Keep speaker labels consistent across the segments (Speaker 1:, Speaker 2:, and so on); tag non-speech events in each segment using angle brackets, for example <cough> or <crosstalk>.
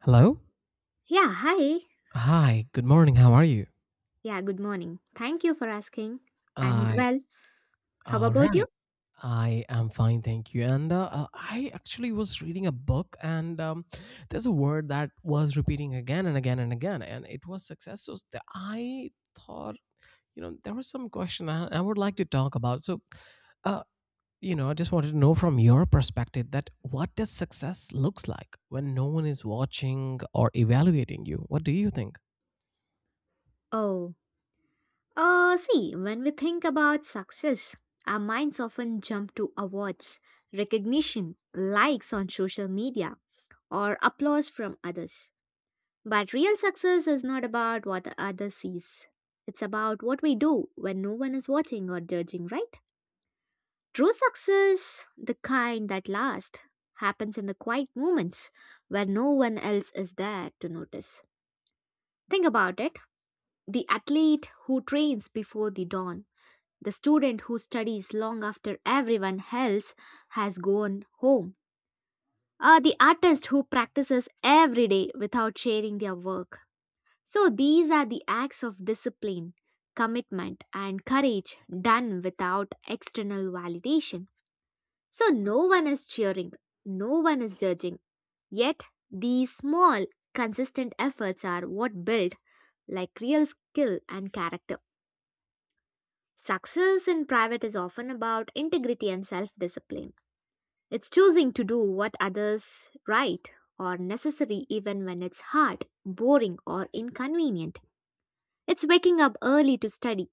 Speaker 1: Hello?
Speaker 2: Yeah, hi.
Speaker 1: Hi, good morning. How are you?
Speaker 2: Yeah, good morning. Thank you for asking. I'm
Speaker 1: I
Speaker 2: well. How
Speaker 1: all
Speaker 2: about you?
Speaker 1: right. I am fine, thank you. And I actually was reading a book, and there's a word that was repeating again and again and again, and it was success. So I thought, you know, there was some question I would like to talk about. Uh, you know, I just wanted to know from your perspective that what does success looks like when no one is watching or evaluating you? What do you think?
Speaker 2: Oh, see, when we think about success, our minds often jump to awards, recognition, likes on social media, or applause from others. But real success is not about what the other sees. It's about what we do when no one is watching or judging, right? True success, the kind that lasts, happens in the quiet moments where no one else is there to notice. Think about it the athlete who trains before the dawn, the student who studies long after everyone else has gone home, or the artist who practices every day without sharing their work. So, these are the acts of discipline, commitment, and courage done without external validation. So no one is cheering, no one is judging. Yet these small, consistent efforts are what build like real skill and character. Success in private is often about integrity and self discipline. It's choosing to do what others right or necessary even when it's hard, boring, or inconvenient. It's waking up early to study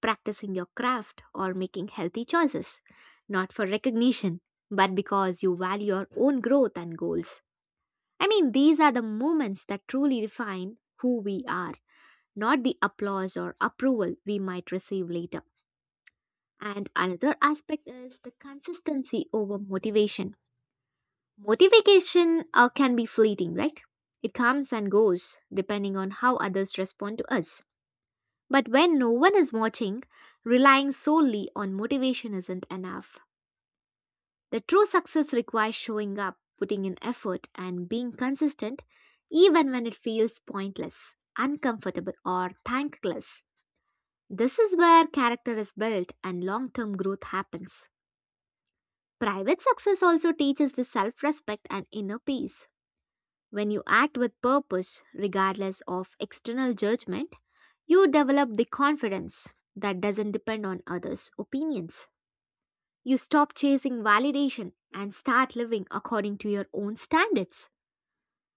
Speaker 2: practicing your craft, or making healthy choices, not for recognition, but because you value your own growth and goals. I mean, these are the moments that truly define who we are, not the applause or approval we might receive later. And another aspect is the consistency over motivation. Motivation can be fleeting, right? It comes and goes depending on how others respond to us. But when no one is watching, relying solely on motivation isn't enough. The true success requires showing up, putting in effort, and being consistent even when it feels pointless, uncomfortable, or thankless. This is where character is built and long term growth happens. Private success also teaches the self respect and inner peace. When you act with purpose, regardless of external judgment, you develop the confidence that doesn't depend on others' opinions. You stop chasing validation and start living according to your own standards.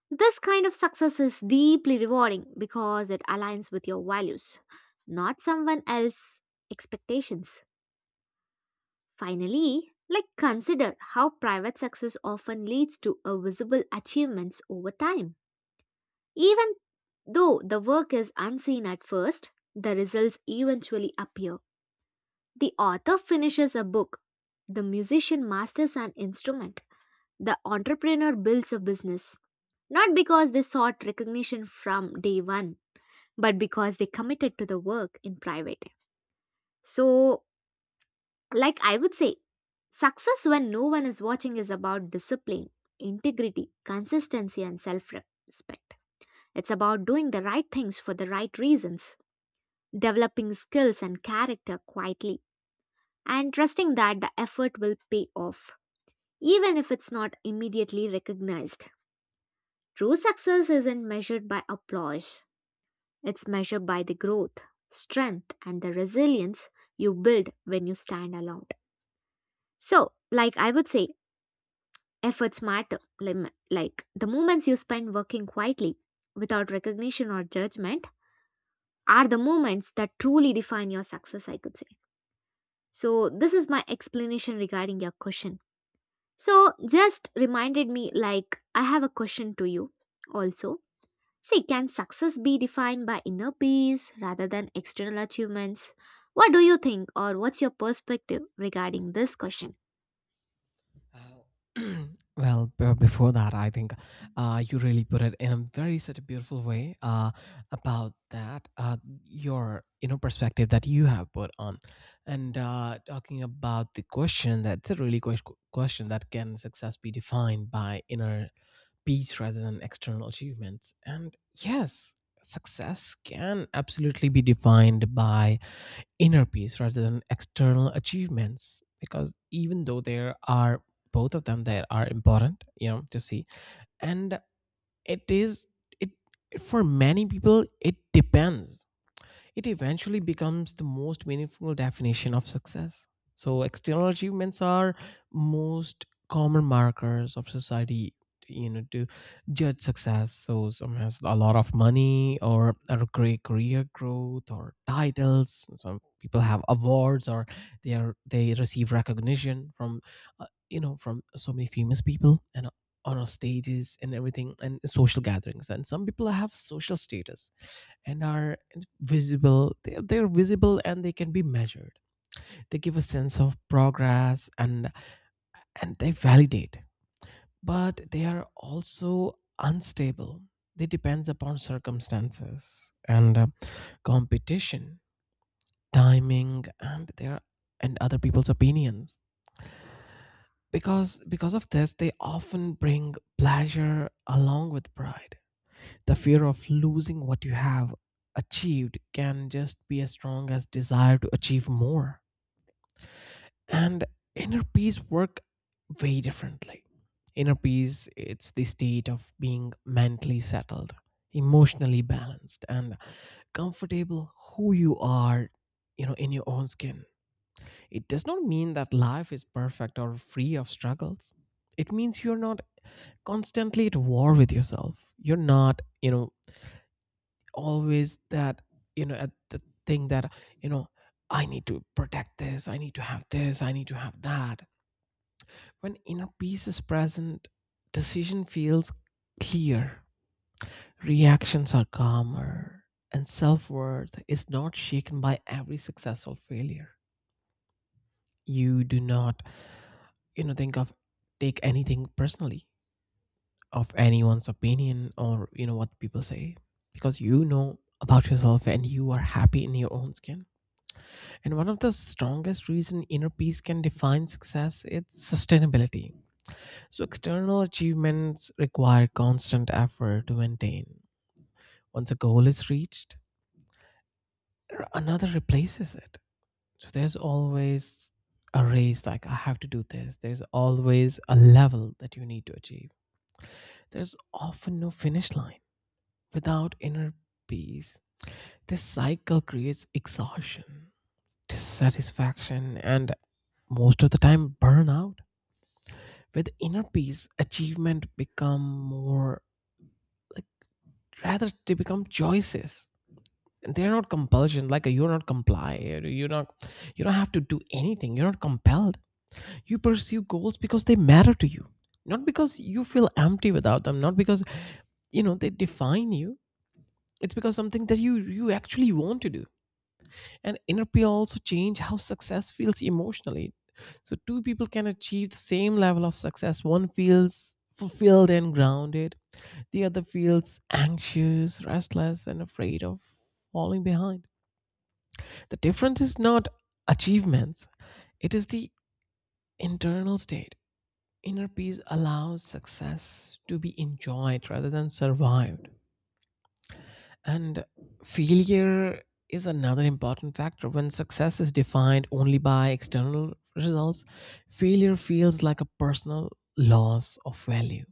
Speaker 2: This kind of success is deeply rewarding because it aligns with your values, not someone else's expectations. Finally, like consider how private success often leads to a visible achievements over time. Even though the work is unseen at first, the results eventually appear. The author finishes a book, the musician masters an instrument, the entrepreneur builds a business. Not because they sought recognition from day one, but because they committed to the work in private. So, like I would say, success when no one is watching is about discipline, integrity, consistency, and self respect. It's about doing the right things for the right reasons, developing skills and character quietly, and trusting that the effort will pay off, even if it's not immediately recognized. True success isn't measured by applause, it's measured by the growth, strength, and the resilience you build when you stand alone. So, like I would say, efforts matter. Like the moments you spend working quietly without recognition or judgment are the moments that truly define your success, I could say. So, this is my explanation regarding your question. So, just reminded me like I have a question to you also. See, can success be defined by inner peace rather than external achievements? What do you think, or what's your perspective regarding this question?
Speaker 1: Uh, <clears throat> well, before that, I think you really put it in a very such a beautiful way about that, your you know perspective that you have put on, and talking about the question, that's a really good question that can success be defined by inner peace rather than external achievements, and yes, success can absolutely be defined by inner peace rather than external achievements, because even though there are both of them that are important, you know, to see, and it is it for many people it depends, it eventually becomes the most meaningful definition of success. So, external achievements are most common markers of society, you know, to judge success. So, some has a lot of money or a great career growth or titles. Some people have awards, or they receive recognition from, you know, from so many famous people, and on our stages and everything, and social gatherings, and some people have social status and are visible, they're visible and they can be measured, they give a sense of progress, and they validate, but they are also unstable, they depends upon circumstances and competition, timing, and their and other people's opinions, because of this they often bring pleasure along with pride. The fear of losing what you have achieved can just be as strong as desire to achieve more. And inner peace work very differently. Inner peace, it's the state of being mentally settled, emotionally balanced, and comfortable who you are, you know, in your own skin. It does not mean that life is perfect or free of struggles. It means you're not constantly at war with yourself. You're not, you know, always that, you know, at the thing that, you know, I need to protect this, I need to have this, I need to have that. When inner peace is present, decision feels clear, reactions are calmer, and self-worth is not shaken by every successful failure. You do not, you know, think of, take anything personally, of anyone's opinion or, you know, what people say, because you know about yourself and you are happy in your own skin. And one of the strongest reason inner peace can define success is sustainability. So external achievements require constant effort to maintain. Once a goal is reached, another replaces it. So there's always a race like I have to do this. There's always a level that you need to achieve. There's often no finish line. Without inner peace, this cycle creates exhaustion, dissatisfaction, and most of the time burnout, where the inner peace achievement become more like, rather they become choices, and they're not compulsion, like you're not comply, you're not, you don't have to do anything, you're not compelled, you pursue goals because they matter to you, not because you feel empty without them, not because, you know, they define you, it's because something that you actually want to do. And inner peace also change how success feels emotionally. So two people can achieve the same level of success, one feels fulfilled and grounded. The other feels anxious, restless, and afraid of falling behind. The difference is not achievements, it is the internal state. Inner peace allows success to be enjoyed rather than survived. And failure is another important factor. When success is defined only by external results, failure feels like a personal loss of value.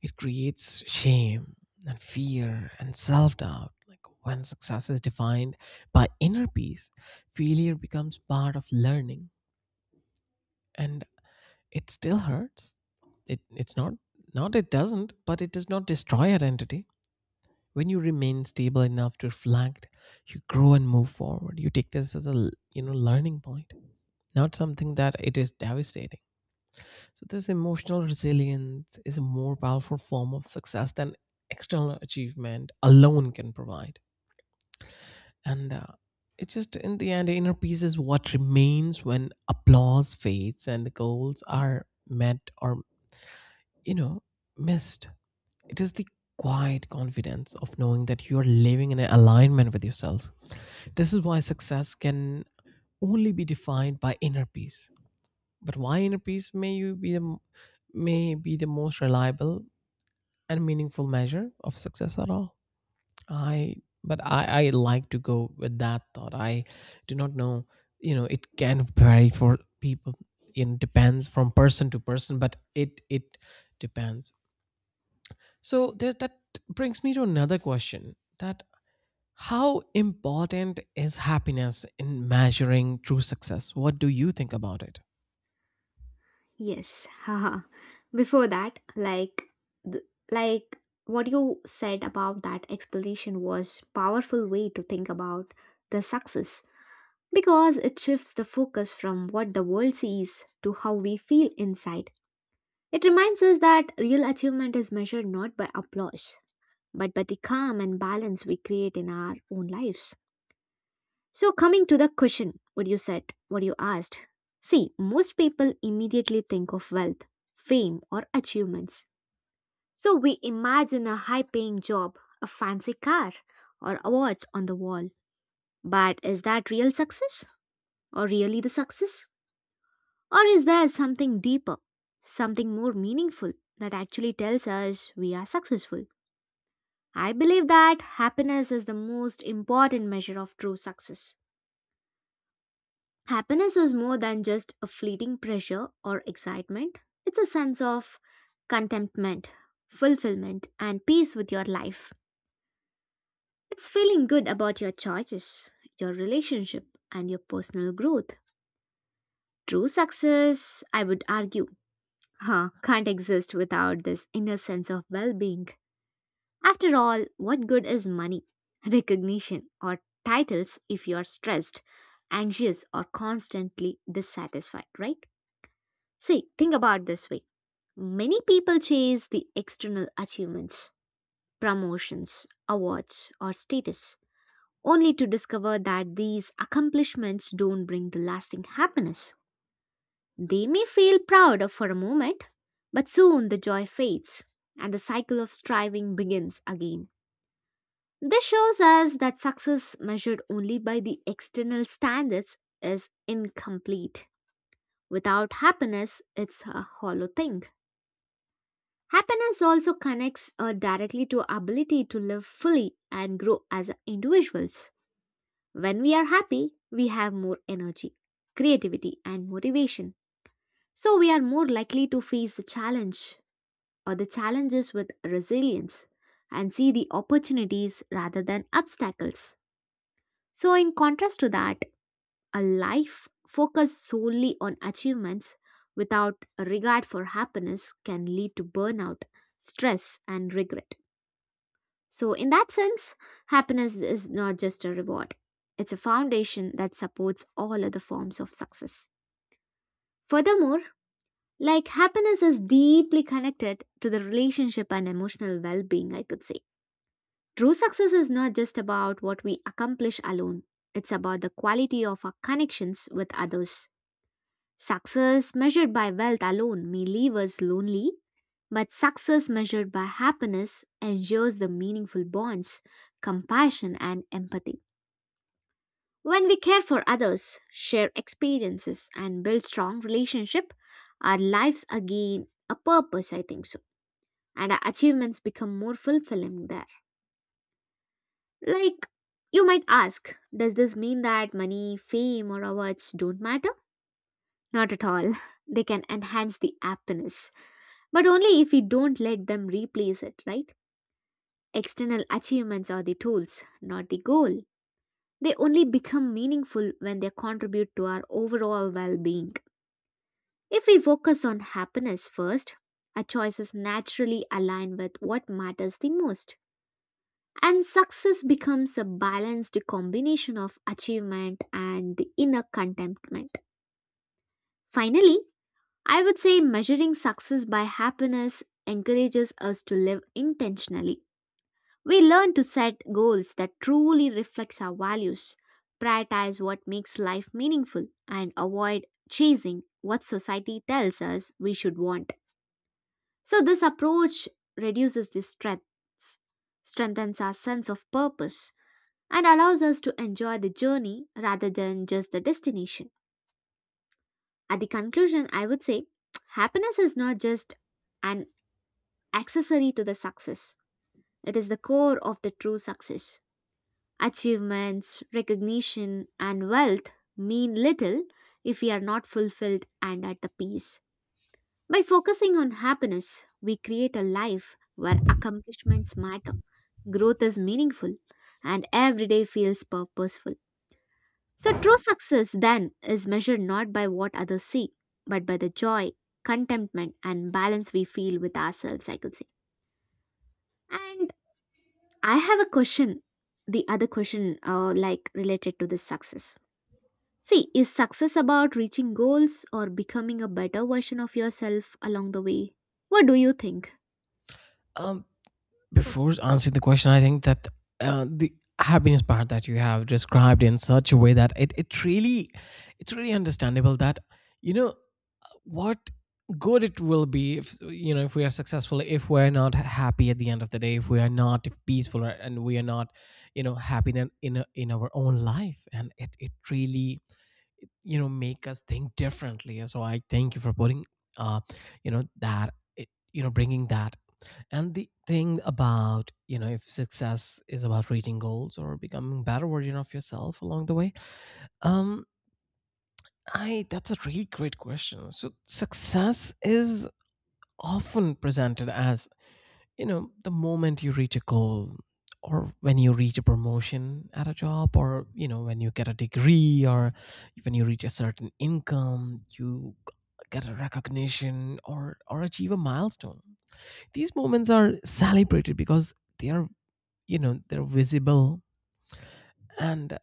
Speaker 1: It creates shame and fear and self doubt. Like when success is defined by inner peace, failure becomes part of learning, and it still hurts. It, it's not, it doesn't, but it does not destroy identity. When you remain stable enough to reflect, you grow and move forward. You take this as a, you know, learning point, not something that it is devastating. So, this emotional resilience is a more powerful form of success than external achievement alone can provide. And it's just in the end, inner peace is what remains when applause fades and the goals are met or, you know, missed. It is the quiet confidence of knowing that you are living in alignment with yourself. This is why success can only be defined by inner peace. But why inner peace may be the most reliable and meaningful measure of success at all. I but i i like to go with that thought. I do not know, you know, it can vary for people, it depends from person to person, but it depends. So there, that brings me to another question, that how important is happiness in measuring true success? What do you think about it?
Speaker 2: Yes, <laughs> haha. Before that, like, th- like what you said about that explanation was powerful way to think about the success because it shifts the focus from what the world sees to how we feel inside. It reminds us that real achievement is measured not by applause, but by the calm and balance we create in our own lives. So, coming to the question, what you said, what you asked. See, most people immediately think of wealth, fame, or achievements. So, we imagine a high paying job, a fancy car, or awards on the wall. But is that real success? Or really the success? Or is there something deeper, something more meaningful that actually tells us we are successful? I believe that happiness is the most important measure of true success. Happiness is more than just a fleeting pleasure or excitement, it's a sense of contentment, fulfillment, and peace with your life. It's feeling good about your choices, your relationship, and your personal growth. True success, I would argue, Huh, can't exist without this inner sense of well being. After all, what good is money, recognition, or titles if you are stressed, anxious, or constantly dissatisfied, right? See, think about this way. Many people chase the external achievements, promotions, awards, or status, only to discover that these accomplishments don't bring the lasting happiness. They may feel proud for a moment, but soon the joy fades and the cycle of striving begins again. This shows us that success measured only by the external standards is incomplete. Without happiness, it's a hollow thing. Happiness also connects directly to our ability to live fully and grow as individuals. When we are happy, we have more energy, creativity, and motivation. So we are more likely to face the challenge or the challenges with resilience and see the opportunities rather than obstacles. So, in contrast to that, a life focused solely on achievements without regard for happiness can lead to burnout, stress, and regret. So, in that sense, happiness is not just a reward, it's a foundation that supports all other forms of success. Furthermore, like happiness is deeply connected to the relationship and emotional well being, I could say. True success is not just about what we accomplish alone, it's about the quality of our connections with others. Success measured by wealth alone may leave us lonely, but success measured by happiness ensures the meaningful bonds, compassion, and empathy. When we care for others, share experiences, and build strong relationship, our lives again a purpose, I think so, and our achievements become more fulfilling there. Like, you might ask, does this mean that money, fame, or awards don't matter? Not at all. <laughs> They can enhance the happiness, but only if we don't let them replace it, right? External achievements are the tools, not the goal. They only become meaningful when they contribute to our overall well being. If we focus on happiness first, our choices naturally align with what matters the most. And success becomes a balanced combination of achievement and the inner contentment. Finally, I would say measuring success by happiness encourages us to live intentionally. We learn to set goals that truly reflects our values, prioritize what makes life meaningful, and avoid chasing what society tells us we should want. So this approach reduces the stress, strengthens our sense of purpose, and allows us to enjoy the journey rather than just the destination. At the conclusion, I would say happiness is not just an accessory to the success, it is the core of the true success. Achievements, recognition, and wealth mean little if we are not fulfilled and at the peace. By focusing on happiness, we create a life where accomplishments matter, growth is meaningful, and every day feels purposeful. So, true success then is measured not by what others see, but by the joy, contentment, and balance we feel with ourselves, I could say. And I have a question, the other question, like related to this success. See, is success about reaching goals or becoming a better version of yourself along the way? What do you think?
Speaker 1: Um, Before answering the question, I think that the happiness part that you have described in such a way that, it's really understandable that, you know, what good it will be if, you know, if we are successful, if we're not happy at the end of the day, if we are not peaceful and we are not, you know, happy in our own life, and it really, you know, make us think differently, so I thank you for putting uh you know that you know, bringing that. And the thing about, you know, if success is about reaching goals or becoming better version of yourself along the way, um I, that's a really great question. So success is often presented as, you know, the moment you reach a goal, or when you reach a promotion at a job, or, you know, when you get a degree, or when you reach a certain income, you get a recognition, or achieve a milestone. These moments are celebrated because they are, you know, they're visible and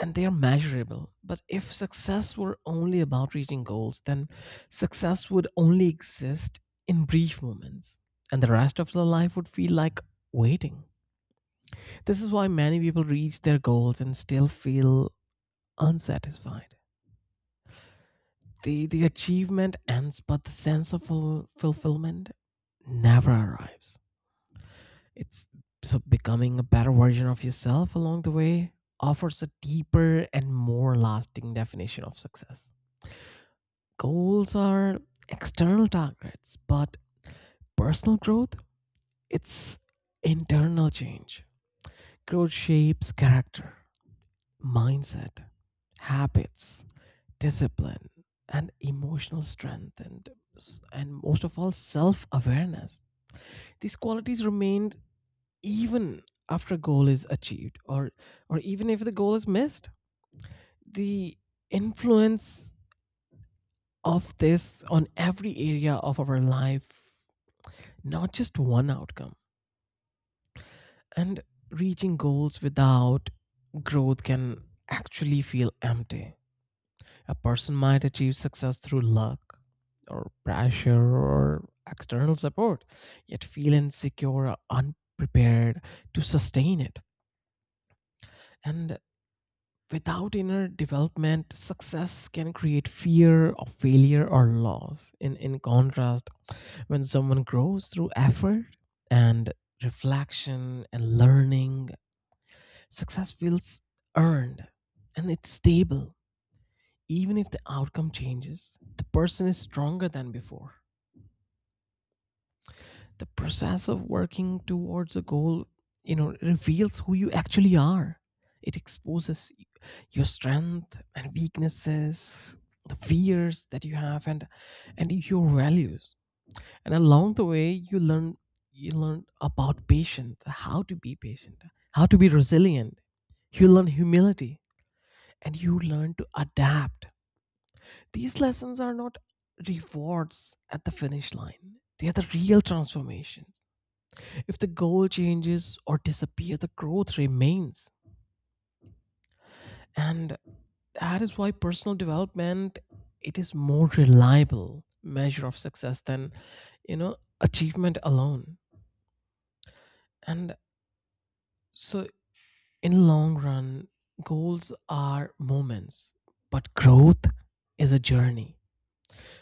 Speaker 1: and they are measurable. But if success were only about reaching goals, then success would only exist in brief moments, and the rest of their life would feel like waiting. This is why many people reach their goals and still feel unsatisfied. The achievement ends, but the sense of fulfillment never arrives. It's so becoming a better version of yourself along the way offers a deeper and more lasting definition of success. Goals are external targets, but personal growth, it's internal change. Growth shapes character, mindset, habits, discipline, and emotional strength, and most of all self-awareness. These qualities remain even after a goal is achieved, or even if the goal is missed. The influence of this on every area of our life, not just one outcome. And reaching goals without growth can actually feel empty. A person might achieve success through luck or pressure or external support, yet feel insecure or unprepared to sustain it. And without inner development, success can create fear of failure or loss. In contrast, when someone grows through effort and reflection and learning, success feels earned and it's stable. Even if the outcome changes, the person is stronger than before. The process of working towards a goal, you know, reveals who you actually are. It exposes your strength and weaknesses, the fears that you have and your values. And along the way you learn, you learn about patience, how to be patient, how to be resilient. You learn humility, and you learn to adapt. These lessons are not rewards at the finish line, they are the real transformations. If the goal changes or disappears, the growth remains. And that is why personal development, it is more reliable measure of success than, you know, achievement alone. And so in long run, goals are moments, but growth is a journey.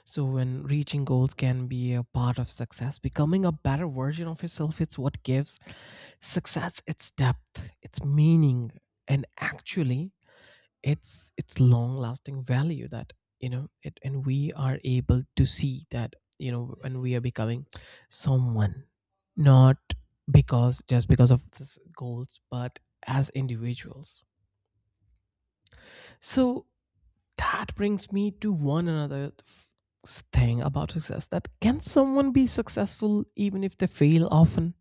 Speaker 1: So, when reaching goals can be a part of success, becoming a better version of yourself is what gives success its depth, its meaning, and actually its long-lasting value, that, you know, it and we are able to see that, you know, when we are becoming someone not because just because of these goals but as individuals. So that brings me to one another thing about success, that can someone be successful even if they fail often?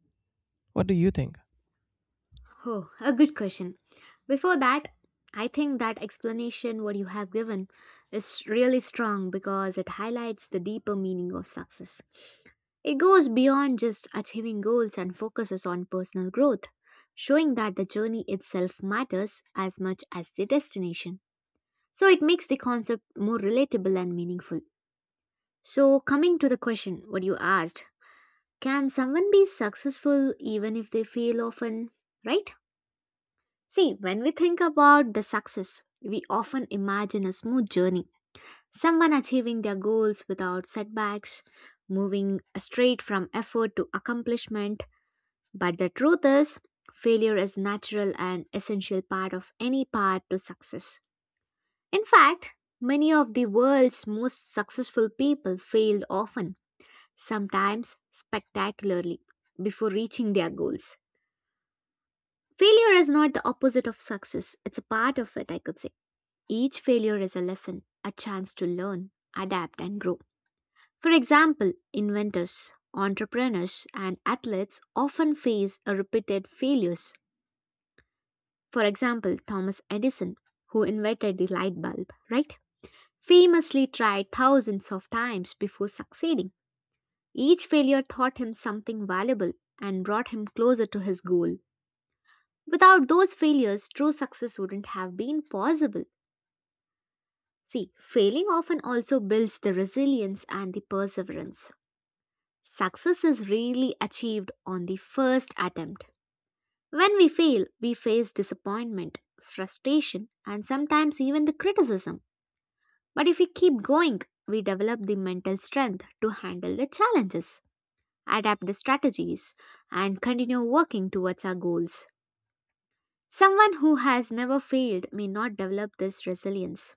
Speaker 1: What do you think?
Speaker 2: Oh, a good question. Before that, I think that explanation what you have given is really strong because it highlights the deeper meaning of success. It goes beyond just achieving goals and focuses on personal growth, showing that the journey itself matters as much as the destination. So it makes the concept more relatable and meaningful. So, coming to the question, what you asked, can someone be successful even if they fail often? Right? See, when we think about the success, we often imagine a smooth journey, someone achieving their goals without setbacks, moving straight from effort to accomplishment. But the truth is, failure is natural and essential part of any path to success. In fact, many of the world's most successful people failed often, sometimes spectacularly, before reaching their goals. Failure is not the opposite of success, it's a part of it, I could say. Each failure is a lesson, a chance to learn, adapt, and grow. For example, inventors, entrepreneurs, and athletes often face a repeated failures. For example, Thomas Edison, who invented the light bulb, right? Famously tried thousands of times before succeeding. Each failure taught him something valuable and brought him closer to his goal. Without those failures, true success wouldn't have been possible. See, failing often also builds the resilience and the perseverance. Success is rarely achieved on the first attempt. When we fail, we face disappointment, frustration, and sometimes even the criticism. But if we keep going, we develop the mental strength to handle the challenges, adapt the strategies, and continue working towards our goals. Someone who has never failed may not develop this resilience,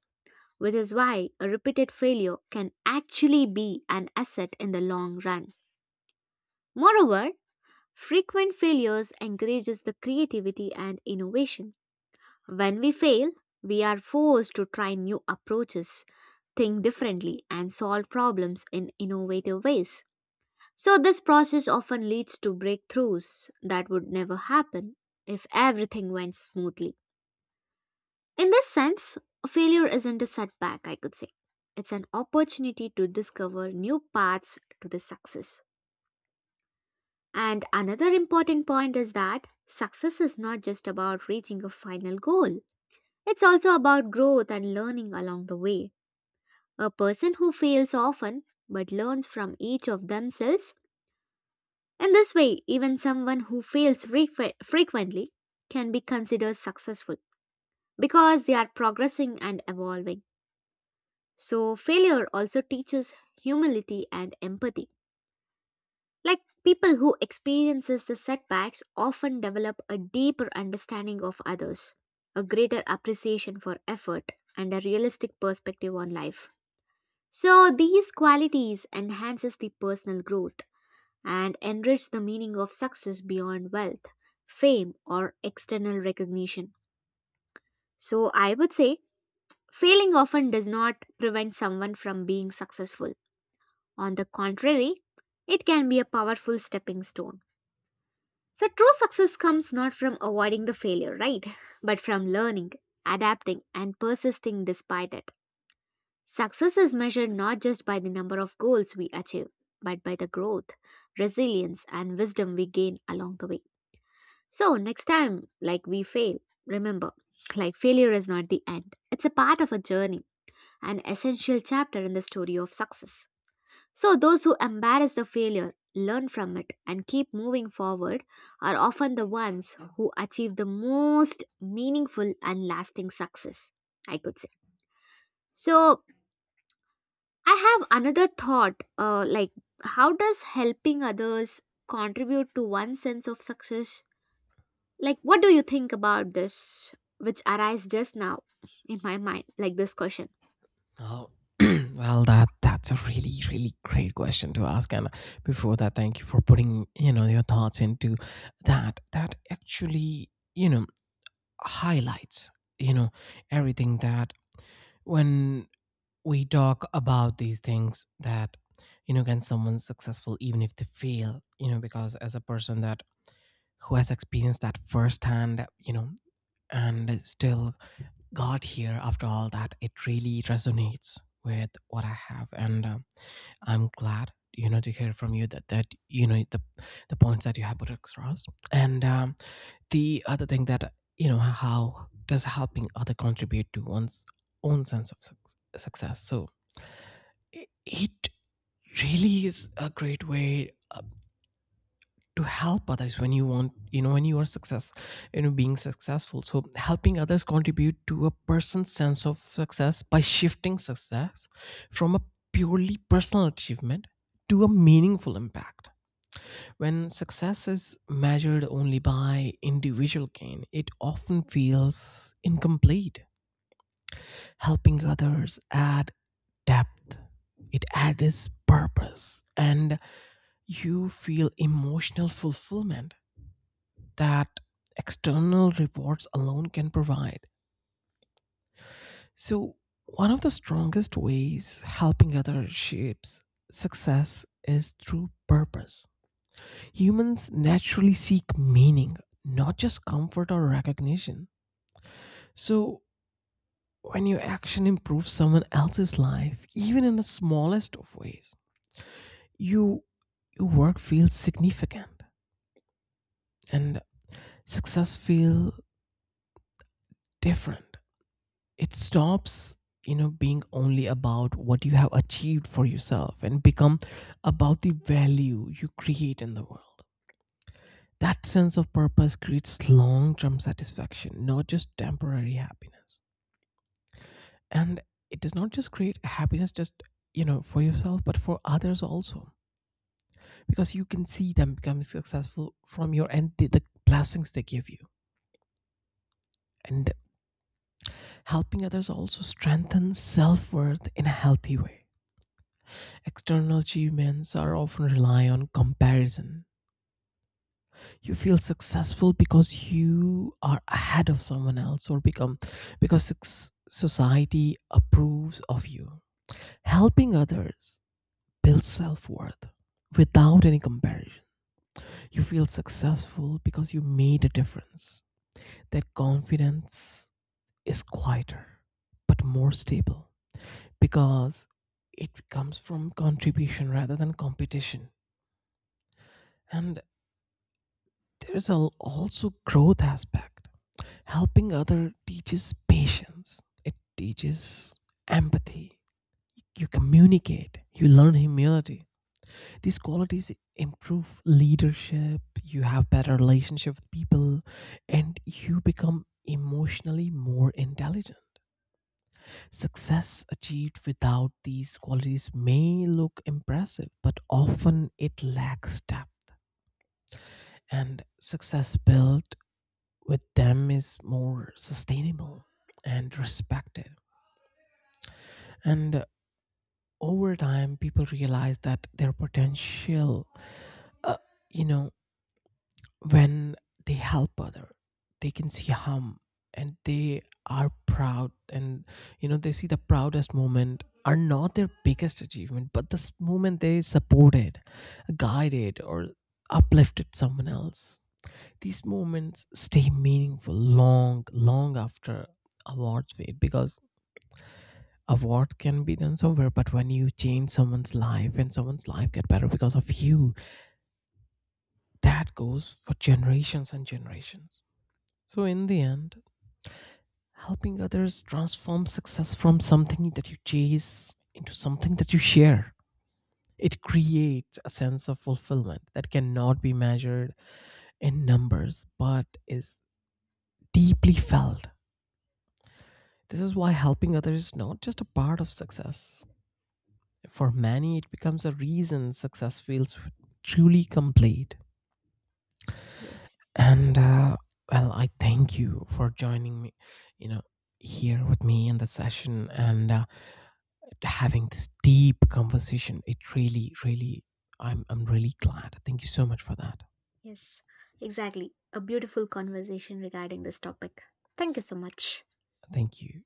Speaker 2: which is why a repeated failure can actually be an asset in the long run. Moreover, frequent failures encourages the creativity and innovation. When we fail, we are forced to try new approaches, think differently, and solve problems in innovative ways. So, this process often leads to breakthroughs that would never happen if everything went smoothly. In this sense, failure isn't a setback, I could say. It's an opportunity to discover new paths to the success. And another important point is that success is not just about reaching a final goal. It's also about growth and learning along the way. A person who fails often but learns from each of themselves. In this way, even someone who fails frequently can be considered successful because they are progressing and evolving. So, failure also teaches humility and empathy. Like people who experiences the setbacks often develop a deeper understanding of others, a greater appreciation for effort, and a realistic perspective on life. So these qualities enhances the personal growth and enrich the meaning of success beyond wealth, fame or external recognition. So I would say failing often does not prevent someone from being successful. On the contrary, it can be a powerful stepping stone. So true success comes not from avoiding the failure, right? But from learning, adapting and persisting despite it. Success is measured not just by the number of goals we achieve, but by the growth, resilience, and wisdom we gain along the way. So, next time, like we fail, remember, like failure is not the end, it's a part of a journey, an essential chapter in the story of success. So, those who embrace the failure, learn from it, and keep moving forward are often the ones who achieve the most meaningful and lasting success, I could say. So, I have another thought like, how does helping others contribute to one's sense of success? Like, what do you think about this, which arise just now in my mind, like this question?
Speaker 1: Oh, <clears throat> well, that's a really really great question to ask. And before that, thank you for putting, you know, your thoughts into that. That actually you know highlights you know everything that when we talk about these things, that can someone successful even if they fail, because as a person that who has experienced that firsthand, and still got here after all that, it really resonates with what I have. And I'm glad to hear from you that that the points that you have put across. And the other thing, that how does helping other contribute to one's own sense of success. So it really is a great way to help others when you want, when you are success, being successful. So helping others contribute to a person's sense of success by shifting success from a purely personal achievement to a meaningful impact. When success is measured only by individual gain, it often feels incomplete. Helping others add depth, it adds purpose, and you feel emotional fulfillment that external rewards alone can provide. So, one of the strongest ways helping others shapes success is through purpose. Humans naturally seek meaning, not just comfort or recognition. So, when your action improves someone else's life, even in the smallest of ways, you, your work feels significant and success feel different. It stops being only about what you have achieved for yourself and become about the value you create in the world. That sense of purpose creates long-term satisfaction, not just temporary happiness. And it does not just create happiness just for yourself but for others also, because you can see them becoming successful from your end, the, blessings they give you. And helping others also strengthens self-worth in a healthy way. External achievements are often rely on comparison. You feel successful because you are ahead of someone else, or become because society approves of you. Helping others builds self-worth without any comparison. You feel successful because you made a difference. That confidence is quieter but more stable, because it comes from contribution rather than competition. And there is also growth aspect. Helping other teaches patience. It teaches empathy. You communicate. You learn humility. These qualities improve leadership. You have better relationship with people, and you become emotionally more intelligent. Success achieved without these qualities may look impressive, but often it lacks depth. And success built with them is more sustainable and respected. And over time, people realize that their potential, uh, you know, when they help other, they can see harm and they are proud, and they see the proudest moment are not their biggest achievement but this moment they supported, guided or uplifted someone else. These moments stay meaningful long, long after awards fade, because awards can be done somewhere, but when you change someone's life and someone's life get better because of you, that goes for generations and generations. So in the end, helping others transform success from something that you chase into something that you share. It creates a sense of fulfillment that cannot be measured in numbers but is deeply felt. This is why helping others is not just a part of success. For many, it becomes a reason success feels truly complete.
Speaker 2: Yes,
Speaker 1: And well, I thank you for joining me, you know, here with me in the session, and having this deep conversation. It really, really, I'm really glad. Thank you so much for that.
Speaker 2: yes, exactly. A beautiful conversation regarding this topic. Thank you so much.
Speaker 1: Thank you.